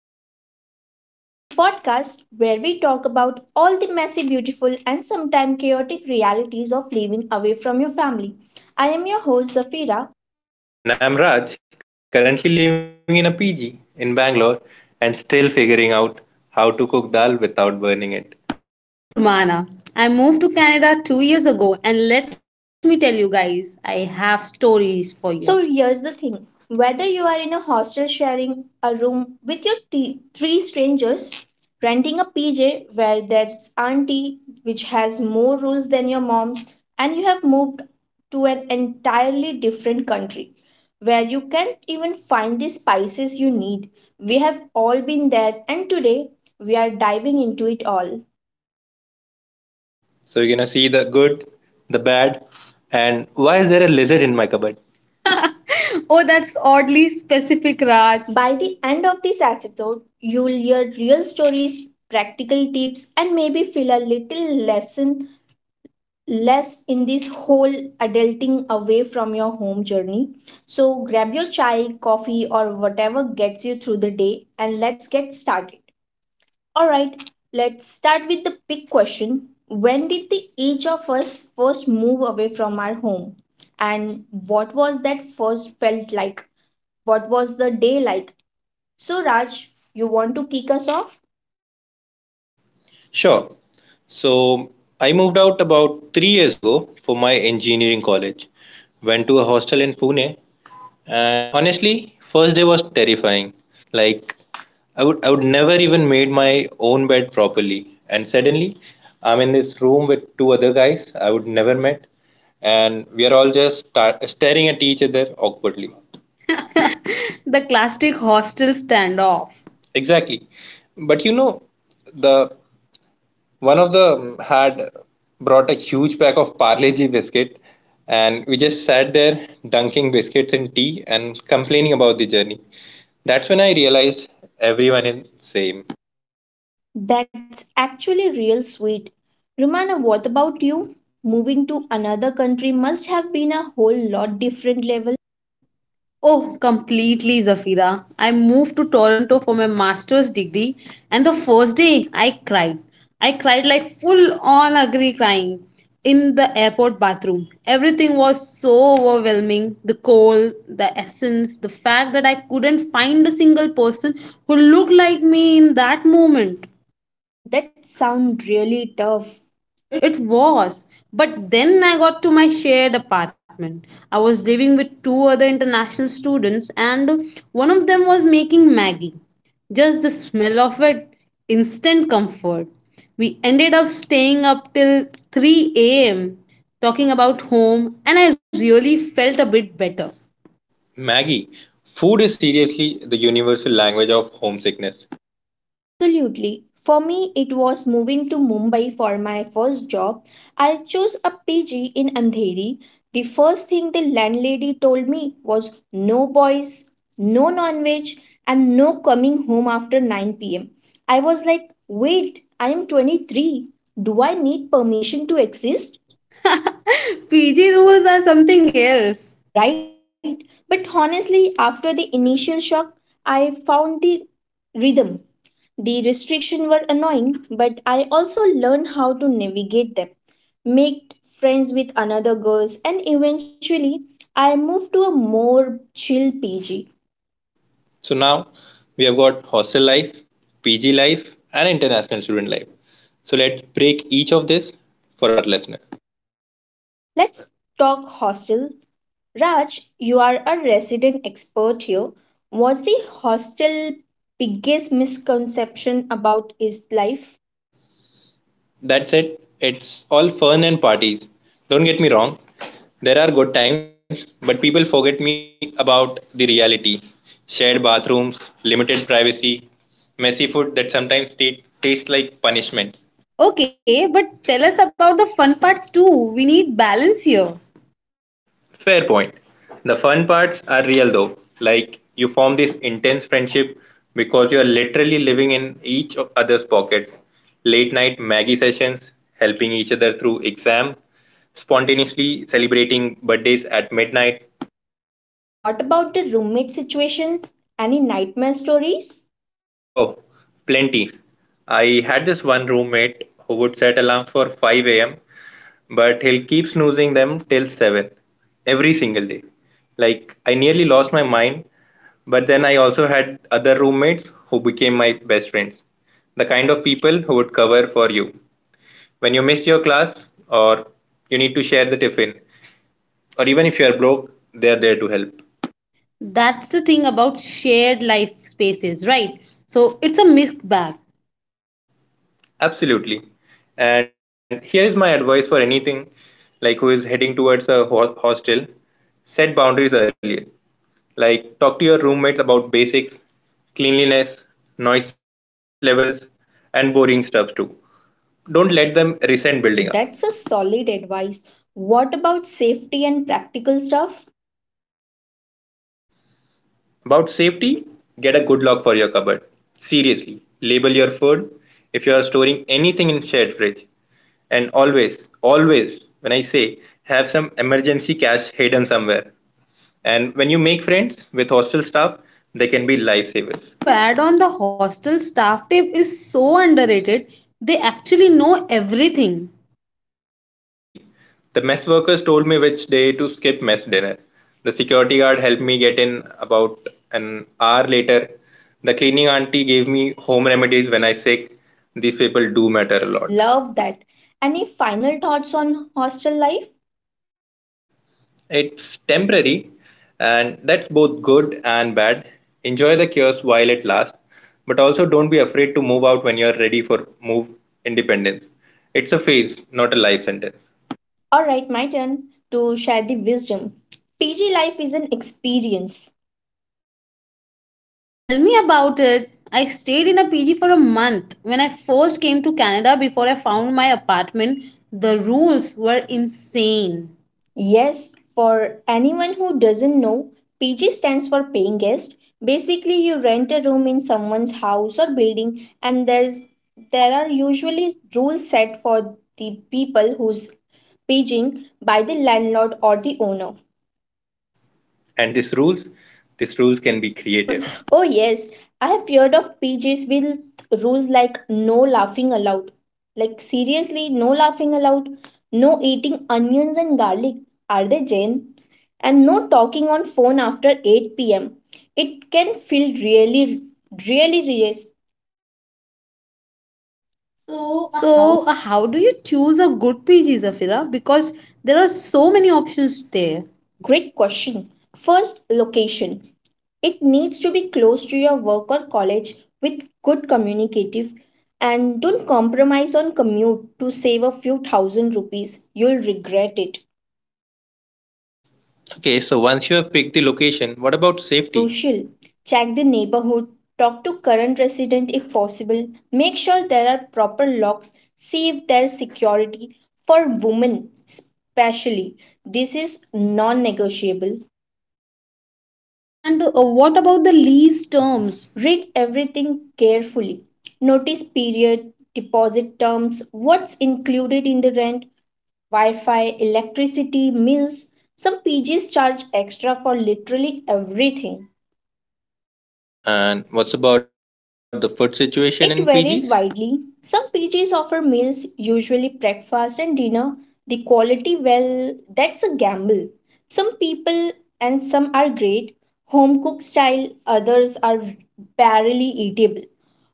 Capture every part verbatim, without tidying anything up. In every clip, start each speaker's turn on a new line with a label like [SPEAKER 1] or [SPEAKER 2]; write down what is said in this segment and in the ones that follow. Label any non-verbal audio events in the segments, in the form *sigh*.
[SPEAKER 1] to Away From Home, the podcast where we talk about all the messy, beautiful, and sometimes chaotic realities of living away from your family. I am your host Zafira.
[SPEAKER 2] And I'm Raj, currently living in a P G in Bangalore and still figuring out how to cook dal without burning it.
[SPEAKER 3] And I'm Rumana. I moved to Canada two years ago, and let me tell you guys, I have stories for
[SPEAKER 1] So
[SPEAKER 3] you.
[SPEAKER 1] here's the thing, whether you are in a hostel sharing a room with your t- three strangers, renting a P J where that's auntie which has more rules than your mom's, and you have moved to an entirely different country where you can't even find the spices you need. We have all been there, and today we are diving into it all.
[SPEAKER 2] So you're gonna see the good, the bad, and why is there a lizard in my cupboard?
[SPEAKER 3] *laughs* Oh, that's oddly specific, Raj.
[SPEAKER 1] By the end of this episode, you'll hear real stories, practical tips, and maybe feel a little lesson less in this whole adulting away from your home journey. So grab your chai, coffee, or whatever gets you through the day, and let's get started. All right, let's start with the big question. When did the each of us first move away from our home? And what was that first felt like? What was the day like? So, Raj, you want to kick us off?
[SPEAKER 2] Sure. So I moved out about three years ago for my engineering college. Went to a hostel in Pune. And honestly, first day was terrifying. Like, I would I would never even made my own bed properly. And suddenly I'm in this room with two other guys I would never met, and we are all just sta- staring at each other awkwardly.
[SPEAKER 3] *laughs* The classic hostel standoff.
[SPEAKER 2] Exactly. But you know, the one of them had brought a huge pack of Parle-G biscuit, and we just sat there dunking biscuits in tea and complaining about the journey. That's when I realized everyone is same.
[SPEAKER 1] That's actually real sweet. Romana, what about you? Moving to another country must have been a whole lot different level.
[SPEAKER 3] Oh, completely, Zafira. I moved to Toronto for my master's degree, and the first day I cried. I cried like full on ugly crying in the airport bathroom. Everything was so overwhelming, the cold, the essence, the fact that I couldn't find a single person who looked like me in that moment.
[SPEAKER 1] Mm, that sounds really tough.
[SPEAKER 3] It was. But then I got to my shared apartment. I was living with two other international students, and one of them was making Maggie. Just the smell of it, instant comfort. We ended up staying up till three a m talking about home, and I really felt a bit better.
[SPEAKER 2] Maggie, food is seriously the universal language of homesickness.
[SPEAKER 1] Absolutely. For me, it was moving to Mumbai for my first job. I chose a P G in Andheri. The first thing the landlady told me was no boys, no non veg, and no coming home after nine p m. I was like, wait, I am twenty-three. Do I need permission to
[SPEAKER 3] To
[SPEAKER 1] exist?
[SPEAKER 3] exist. Fiji rules are something else.
[SPEAKER 1] Right. But honestly, after the initial shock, I found the rhythm. The restrictions were annoying, but I also learned how to navigate them, make friends with another girls, and eventually I moved to a more chill P G.
[SPEAKER 2] So now we have got hostel life, P G life, and international student life. So let's break each of this for our listener.
[SPEAKER 1] Let's talk hostel. Raj, you are a resident expert here. What's the hostel biggest misconception about its life?
[SPEAKER 2] That's it. It's all fun and parties. Don't get me wrong. There are good times, but people forget me about the reality. Shared bathrooms, limited privacy, messy food that sometimes t- tastes like punishment.
[SPEAKER 3] Okay, but tell us about the fun parts too. We need balance here.
[SPEAKER 2] Fair point. The fun parts are real though. Like, you form this intense friendship because you are literally living in each o- other's pockets. Late night Maggie sessions, helping each other through exam, spontaneously celebrating birthdays at midnight.
[SPEAKER 1] What about the roommate situation? Any nightmare stories?
[SPEAKER 2] Oh, plenty. I had this one roommate who would set alarms for five a m, but he'll keep snoozing them till seven every single day. Like, I nearly lost my mind. But then I also had other roommates who became my best friends. The kind of people who would cover for you. When you missed your class, or you need to share the tiffin, or even if you are broke, they are there to help.
[SPEAKER 3] That's the thing about shared life spaces, right? So it's a mixed bag.
[SPEAKER 2] Absolutely. And here is my advice for anything, like, who is heading towards a ho- hostel, set boundaries earlier. Like, talk to your roommates about basics, cleanliness, noise levels, and boring stuff too. Don't let them resent building up.
[SPEAKER 1] That's a solid advice. What about safety and practical stuff?
[SPEAKER 2] About safety, get a good lock for your cupboard. Seriously, label your food if you are storing anything in shared fridge. And always, always, when I say, have some emergency cash hidden somewhere. And when you make friends with hostel staff, they can be lifesavers.
[SPEAKER 3] And to add on, the hostel staff tip is so underrated. They actually know everything.
[SPEAKER 2] Exactly. The mess workers told me which day to skip mess dinner. The security guard helped me get in about an hour later. The cleaning auntie gave me home remedies when I sick. These people do matter a lot.
[SPEAKER 1] Love that. Any final thoughts on hostel life?
[SPEAKER 2] It's temporary, and that's both good and bad. Enjoy the cures while it lasts, but also don't be afraid to move out when you're ready for move independence. It's a phase, not a life sentence.
[SPEAKER 1] All right, my turn to share the wisdom. P G life is an experience.
[SPEAKER 3] Tell me about it. I stayed in a P G for a month when I first came to Canada before I found my apartment. The rules were insane.
[SPEAKER 1] Yes, for anyone who doesn't know, P G stands for paying guest. Basically, you rent a room in someone's house or building, and there's there are usually rules set for the people who's paging by the landlord or the owner.
[SPEAKER 2] And these rules, these rules can be creative.
[SPEAKER 1] *laughs* Oh, yes. I have heard of P Js with rules like no laughing allowed. Like, seriously, no laughing allowed. No eating onions and garlic. Are they Jane? And no talking on phone after eight p m. It can feel really, really, really. So,
[SPEAKER 3] So, uh, how do you choose a good P G, Zafira? Because there are so many options there.
[SPEAKER 1] great question. First, location. It needs to be close to your work or college with good communicative, and don't compromise on commute to save a few thousand rupees. You'll regret it.
[SPEAKER 2] Okay, so once you have picked the location, what about safety?
[SPEAKER 1] Crucial. Check the neighborhood. Talk to current resident if possible. Make sure there are proper locks. See if there's security for women, especially. This is non negotiable.
[SPEAKER 3] And uh, what about the lease terms?
[SPEAKER 1] Read everything carefully. Notice period, deposit terms, what's included in the rent, Wi Fi, electricity, meals. Some P Gs charge extra for literally everything.
[SPEAKER 2] And what's about the food situation in P Gs?
[SPEAKER 1] It varies widely. Some P Gs offer meals, usually breakfast and dinner. The quality, well, that's a gamble. Some people and some are great, home cooked style, others are barely eatable.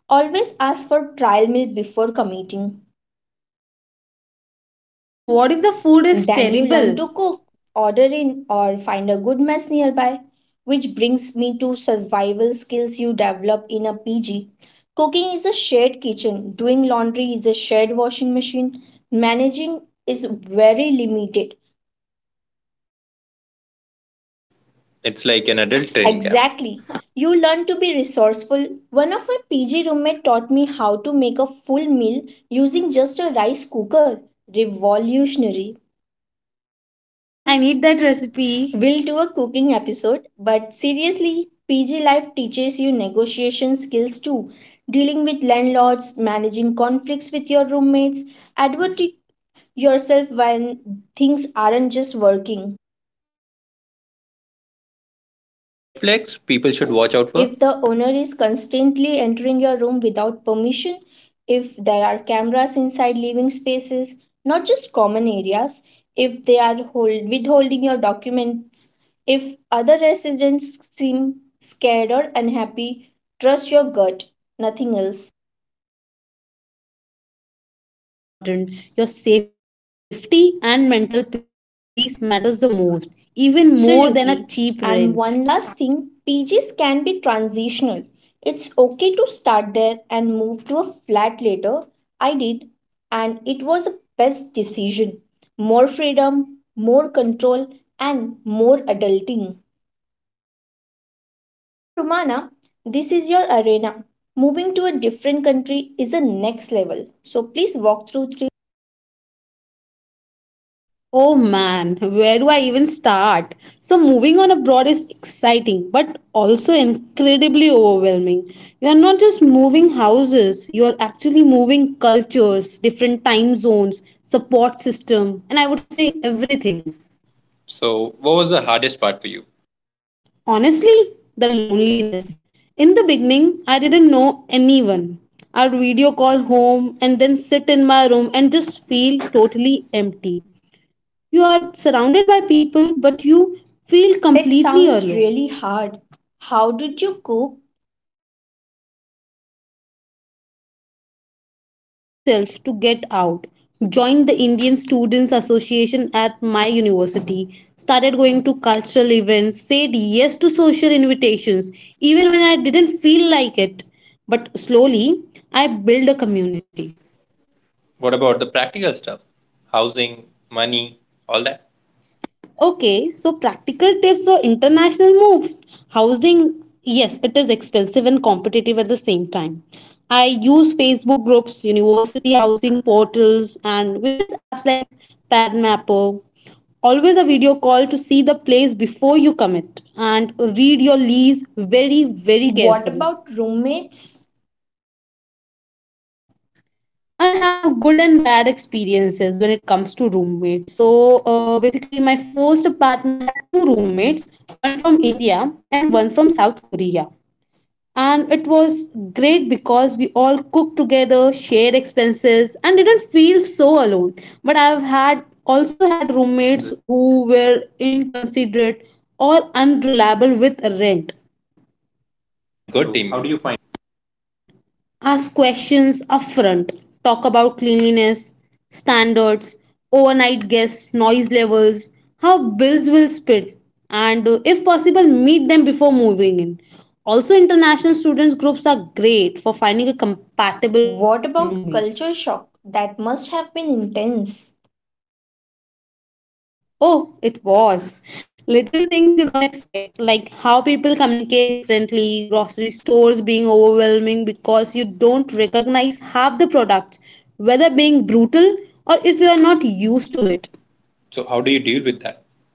[SPEAKER 1] Always ask for trial meal before committing.
[SPEAKER 3] And what if the food is
[SPEAKER 1] Then
[SPEAKER 3] terrible?
[SPEAKER 1] you learn to cook, order in, or find a good mess nearby. Which brings me to survival skills you develop in a P G. Cooking is a shared kitchen, doing laundry is a shared washing machine, managing is very limited.
[SPEAKER 2] It's like an adult
[SPEAKER 1] *laughs*
[SPEAKER 2] training camp.
[SPEAKER 1] Exactly. You learn to be resourceful. One of my P G roommate taught me how to make a full meal using just a rice cooker. Revolutionary.
[SPEAKER 3] Okay, I need that
[SPEAKER 1] We'll do a
[SPEAKER 3] recipe.
[SPEAKER 1] cooking episode, but seriously, P G life teaches you negotiation skills too. Dealing with landlords, managing conflicts with your roommates, advocate yourself when things aren't just working.
[SPEAKER 2] Any red flags people should
[SPEAKER 1] Yes,
[SPEAKER 2] watch out for?
[SPEAKER 1] if the owner is constantly entering your room without permission, if there are cameras inside living spaces, not just common areas, if they are hold, withholding your documents, if other residents seem scared or unhappy, trust your gut, nothing else.
[SPEAKER 3] Yes, that's important. Your safety and mental peace matters the most, even more than a
[SPEAKER 1] Absolutely.
[SPEAKER 3] cheap
[SPEAKER 1] And
[SPEAKER 3] rent.
[SPEAKER 1] one last thing, P Gs can be transitional. It's okay to start there and move to a flat later. I did, and it was the best decision. More freedom, more control, and more adulting. Now, Romana, this is your arena. Moving to a different country is the next level. So please walk through three.
[SPEAKER 3] Oh man, where do I even start? So, moving on abroad is exciting but also incredibly overwhelming. You are not just moving houses, you are actually moving cultures, different time zones, support system, and I would say everything.
[SPEAKER 2] So, what was the hardest part for you?
[SPEAKER 3] Honestly, the loneliness. In the beginning, I didn't know anyone. I'd video call home and then sit in my room and just feel totally empty. You are surrounded by people, but you feel
[SPEAKER 1] That
[SPEAKER 3] completely
[SPEAKER 1] sounds
[SPEAKER 3] alone.
[SPEAKER 1] really hard. How did you cope?
[SPEAKER 3] So I forced myself to get out, joined the Indian Students Association at my university, started going to cultural events, said yes to social invitations, even when I didn't feel like it. But slowly, I built a community.
[SPEAKER 2] What about the practical stuff? Housing, money, all that.
[SPEAKER 3] Okay, so practical tips for international moves. Housing, yes, it is expensive and competitive at the same time. I use Facebook groups, university housing portals, and various apps like Padmapper. Always a video call to see the place before you commit, and read your lease very, very
[SPEAKER 1] What about
[SPEAKER 3] carefully.
[SPEAKER 1] roommates?
[SPEAKER 3] And have good and bad experiences when it comes to roommates. So uh, basically, my first apartment had two roommates, one from India and one from South Korea. And it was great because we all cooked together, shared expenses, and didn't feel so alone. But I've had also had roommates who were inconsiderate or unreliable with rent.
[SPEAKER 2] So, how do you find good teammates?
[SPEAKER 3] Ask questions upfront, talk about cleanliness, standards, overnight guests, noise levels, how bills will split, and uh, if possible, meet them before moving in. Also, international students groups are great for finding a compatible
[SPEAKER 1] What about
[SPEAKER 3] roommates.
[SPEAKER 1] culture shock? That must have been intense.
[SPEAKER 3] Oh, it was. Little things you don't expect, like how people communicate differently, grocery stores being overwhelming because you don't recognize half the products, whether being brutal or if you are not used to it.
[SPEAKER 2] So, how do you deal with that?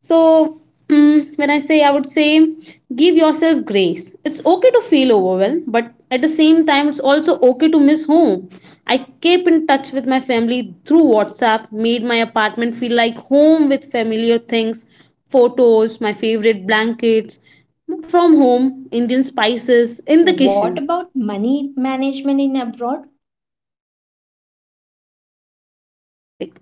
[SPEAKER 3] So, mm, when I say, I would say, give yourself grace. It's okay to feel overwhelmed, but at the same time, it's also okay to miss home. I kept in touch with my family through WhatsApp, made my apartment feel like home with familiar things, photos, my favorite blankets from home, Indian spices in the
[SPEAKER 1] What
[SPEAKER 3] kitchen.
[SPEAKER 1] about money management in abroad?
[SPEAKER 3] Crucial topic.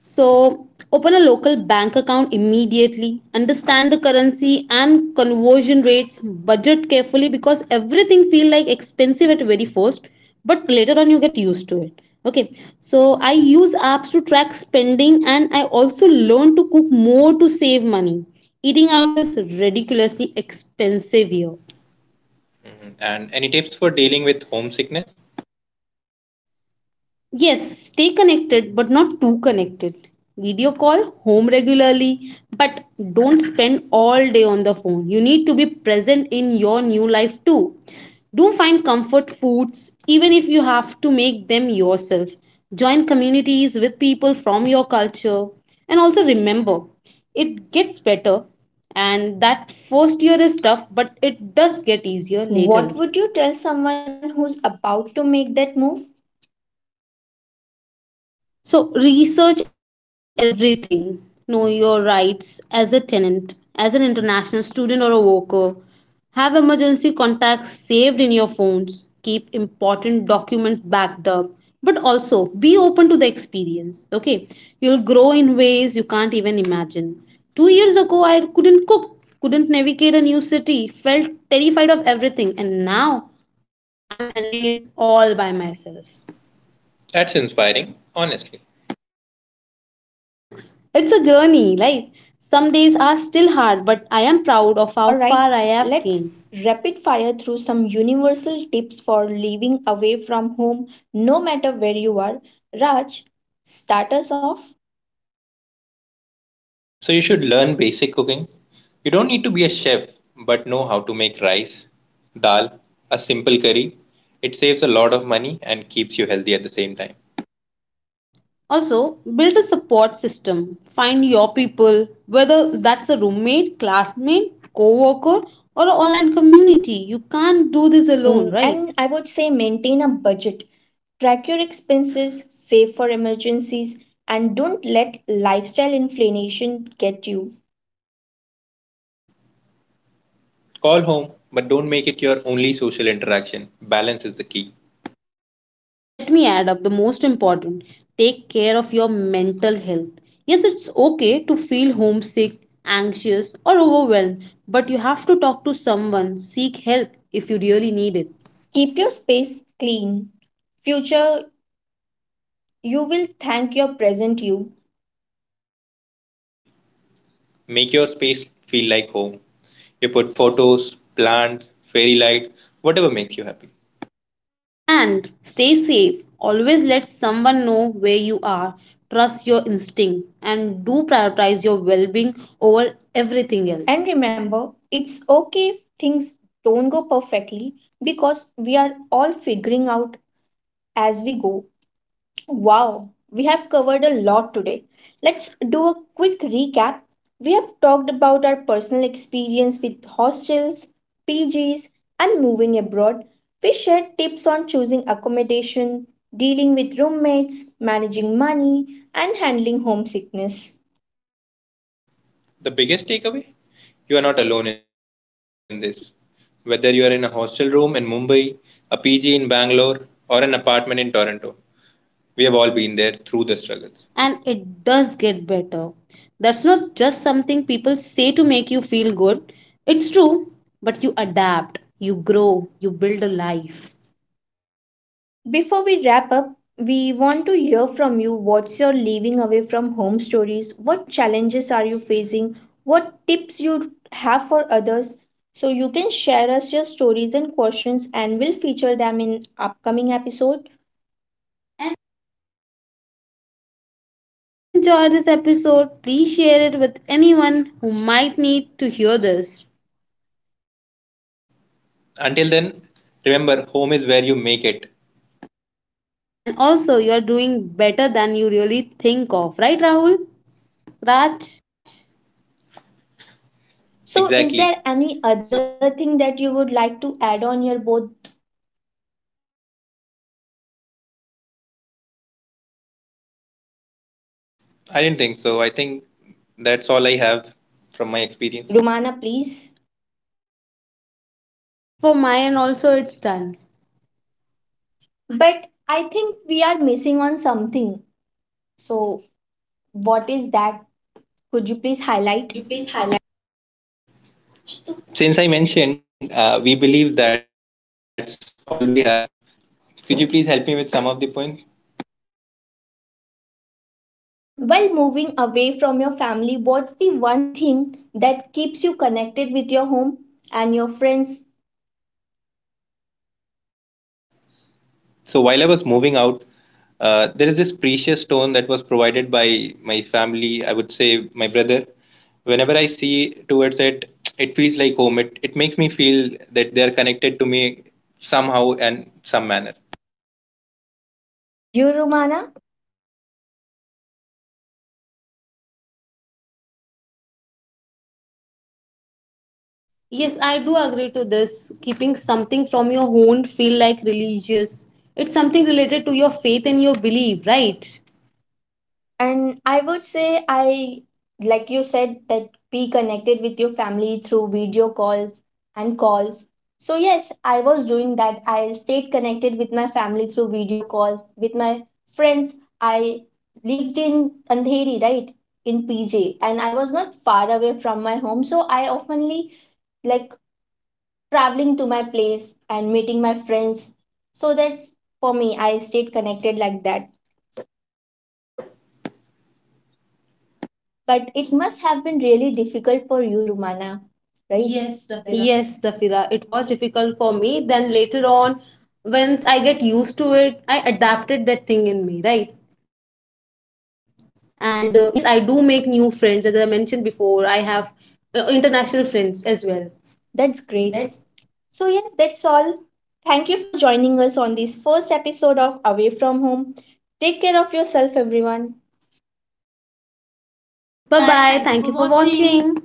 [SPEAKER 3] So, open a local bank account immediately, understand the currency and conversion rates, budget carefully because everything feel like expensive at very first, but later on you get used to it. Okay, so I use apps to track spending, and I also learn to cook more to save money. Eating out is ridiculously expensive here.
[SPEAKER 2] Mhm. And any tips for dealing with homesickness?
[SPEAKER 3] Yes, stay connected, but not too connected. Video call home regularly, but don't spend all day on the phone. You need to be present in your new life too. Do find comfort foods, even if you have to make them yourself. Join communities with people from your culture. And also remember, it gets better, and that first year is tough, but it does get easier later.
[SPEAKER 1] What would you tell someone who's about to make that move?
[SPEAKER 3] So research everything. Know your rights as a tenant, as an international student or a worker. Have emergency contacts saved in your phones. Keep important documents backed up. But also be open to the experience. Okay. You'll grow in ways you can't even imagine. Two years ago, I couldn't cook, couldn't navigate a new city, felt terrified of everything, and now I'm handling it all by myself.
[SPEAKER 2] That's inspiring, honestly.
[SPEAKER 3] Thanks. It's a journey, right? Some days are still hard, but I am proud of
[SPEAKER 1] All
[SPEAKER 3] how
[SPEAKER 1] right,
[SPEAKER 3] far I have
[SPEAKER 1] let's
[SPEAKER 3] came.
[SPEAKER 1] rapid fire through some universal tips for living away from home no matter where you are. Raj, start us off.
[SPEAKER 2] So you should learn basic cooking. You don't need to be a chef, but know how to make rice, dal, a simple curry. It saves a lot of money and keeps you healthy at the same time.
[SPEAKER 3] Also, build a support system. Find your people, whether that's a roommate, classmate, co-worker, or an online community. You can't do this alone,
[SPEAKER 1] Mm,
[SPEAKER 3] right?
[SPEAKER 1] and I would say maintain a budget. Track your expenses, save for emergencies, and don't let lifestyle inflation get you.
[SPEAKER 2] Call home, but don't make it your only social interaction. Balance is the key.
[SPEAKER 3] Let me add up the most important. Take care of your mental health. Yes, it's okay to feel homesick, anxious, or overwhelmed, but you have to talk to someone, seek help if you really need it.
[SPEAKER 1] Keep your space clean. Future, you will thank your present you.
[SPEAKER 2] Make your space feel like home. You put photos, plants, fairy lights, whatever makes you happy.
[SPEAKER 3] And stay safe. Always let someone know where you are. Trust your instinct and do prioritize your well being over everything
[SPEAKER 1] And
[SPEAKER 3] else.
[SPEAKER 1] remember, it's okay if things don't go perfectly because we are all figuring out as we go. Wow, we have covered a lot today. Let's do a quick recap. We have talked about our personal experience with hostels, P Gs, and moving abroad. We shared tips on choosing accommodation, dealing with roommates, managing money, and handling homesickness.
[SPEAKER 2] The biggest takeaway? You are not alone in this. Whether you are in a hostel room in Mumbai, a P G in Bangalore, or an apartment in Toronto, we have all been there through the struggles.
[SPEAKER 3] And it does get better. That's not just something people say to make you feel good. It's true, but you adapt, you grow, you build a life.
[SPEAKER 1] Before we wrap up, we want to hear from you. What's your leaving away from home stories? What challenges are you facing? What tips you have for others? So you can share us your stories and questions and we'll feature them in upcoming episode.
[SPEAKER 3] And also, if you enjoyed this episode, please share it with anyone who might need to hear this.
[SPEAKER 2] Until then, remember, home is where you make it.
[SPEAKER 3] And also, you are doing better than you really think of, right, Rahul? Raj?
[SPEAKER 2] That.
[SPEAKER 1] So
[SPEAKER 2] Exactly.
[SPEAKER 1] is there any other thing that you would like to add on your board,
[SPEAKER 2] I didn't think so. I think that's all I have from my experience.
[SPEAKER 1] Romana, please?
[SPEAKER 3] Yes, for my end also, it's done.
[SPEAKER 1] But I think we are missing on something. So what is that? Could you please
[SPEAKER 2] Could
[SPEAKER 1] highlight?
[SPEAKER 2] you please highlight? Since I mentioned, uh, we believe that's all we have, could you please help me with some of the points?
[SPEAKER 1] And while moving away from your family, what's the one thing that keeps you connected with your home and your friends?
[SPEAKER 2] So while I was moving out, uh, there is this precious stone that was provided by my family. I would say my brother. Whenever I see towards it, it feels like home. It it makes me feel that they are connected to me somehow and some manner.
[SPEAKER 1] You, Romana?
[SPEAKER 3] Yes, I do agree to this. Keeping something from your own feel like religious, it's something related to your faith and your belief, right?
[SPEAKER 1] And I would say, I, like you said, that be connected with your family through video calls and calls. So, yes, I was doing that. I stayed connected with my family through video calls, with my friends. I lived in Andheri, right? In P J, and I was not far away from my home. So, I oftenly like traveling to my place and meeting my friends. So that's for me, I stayed connected like that. But it must have been really difficult for you, Rumana,
[SPEAKER 3] Right.
[SPEAKER 1] right?
[SPEAKER 3] Yes, Zafira, it was difficult for me. Then later on, once I get used to it, I adapted that thing in me, right? And uh, yes, I do make new friends. As I mentioned before, I have uh, international friends as well.
[SPEAKER 1] That's great. So, yes, that's all. Thank you for joining us on this first episode of Away from Home. Take care of yourself, everyone.
[SPEAKER 3] Bye
[SPEAKER 2] Bye
[SPEAKER 3] bye.
[SPEAKER 2] bye.
[SPEAKER 3] Thank
[SPEAKER 2] Thank
[SPEAKER 3] you
[SPEAKER 2] you
[SPEAKER 3] for
[SPEAKER 2] for
[SPEAKER 3] watching.
[SPEAKER 2] watching.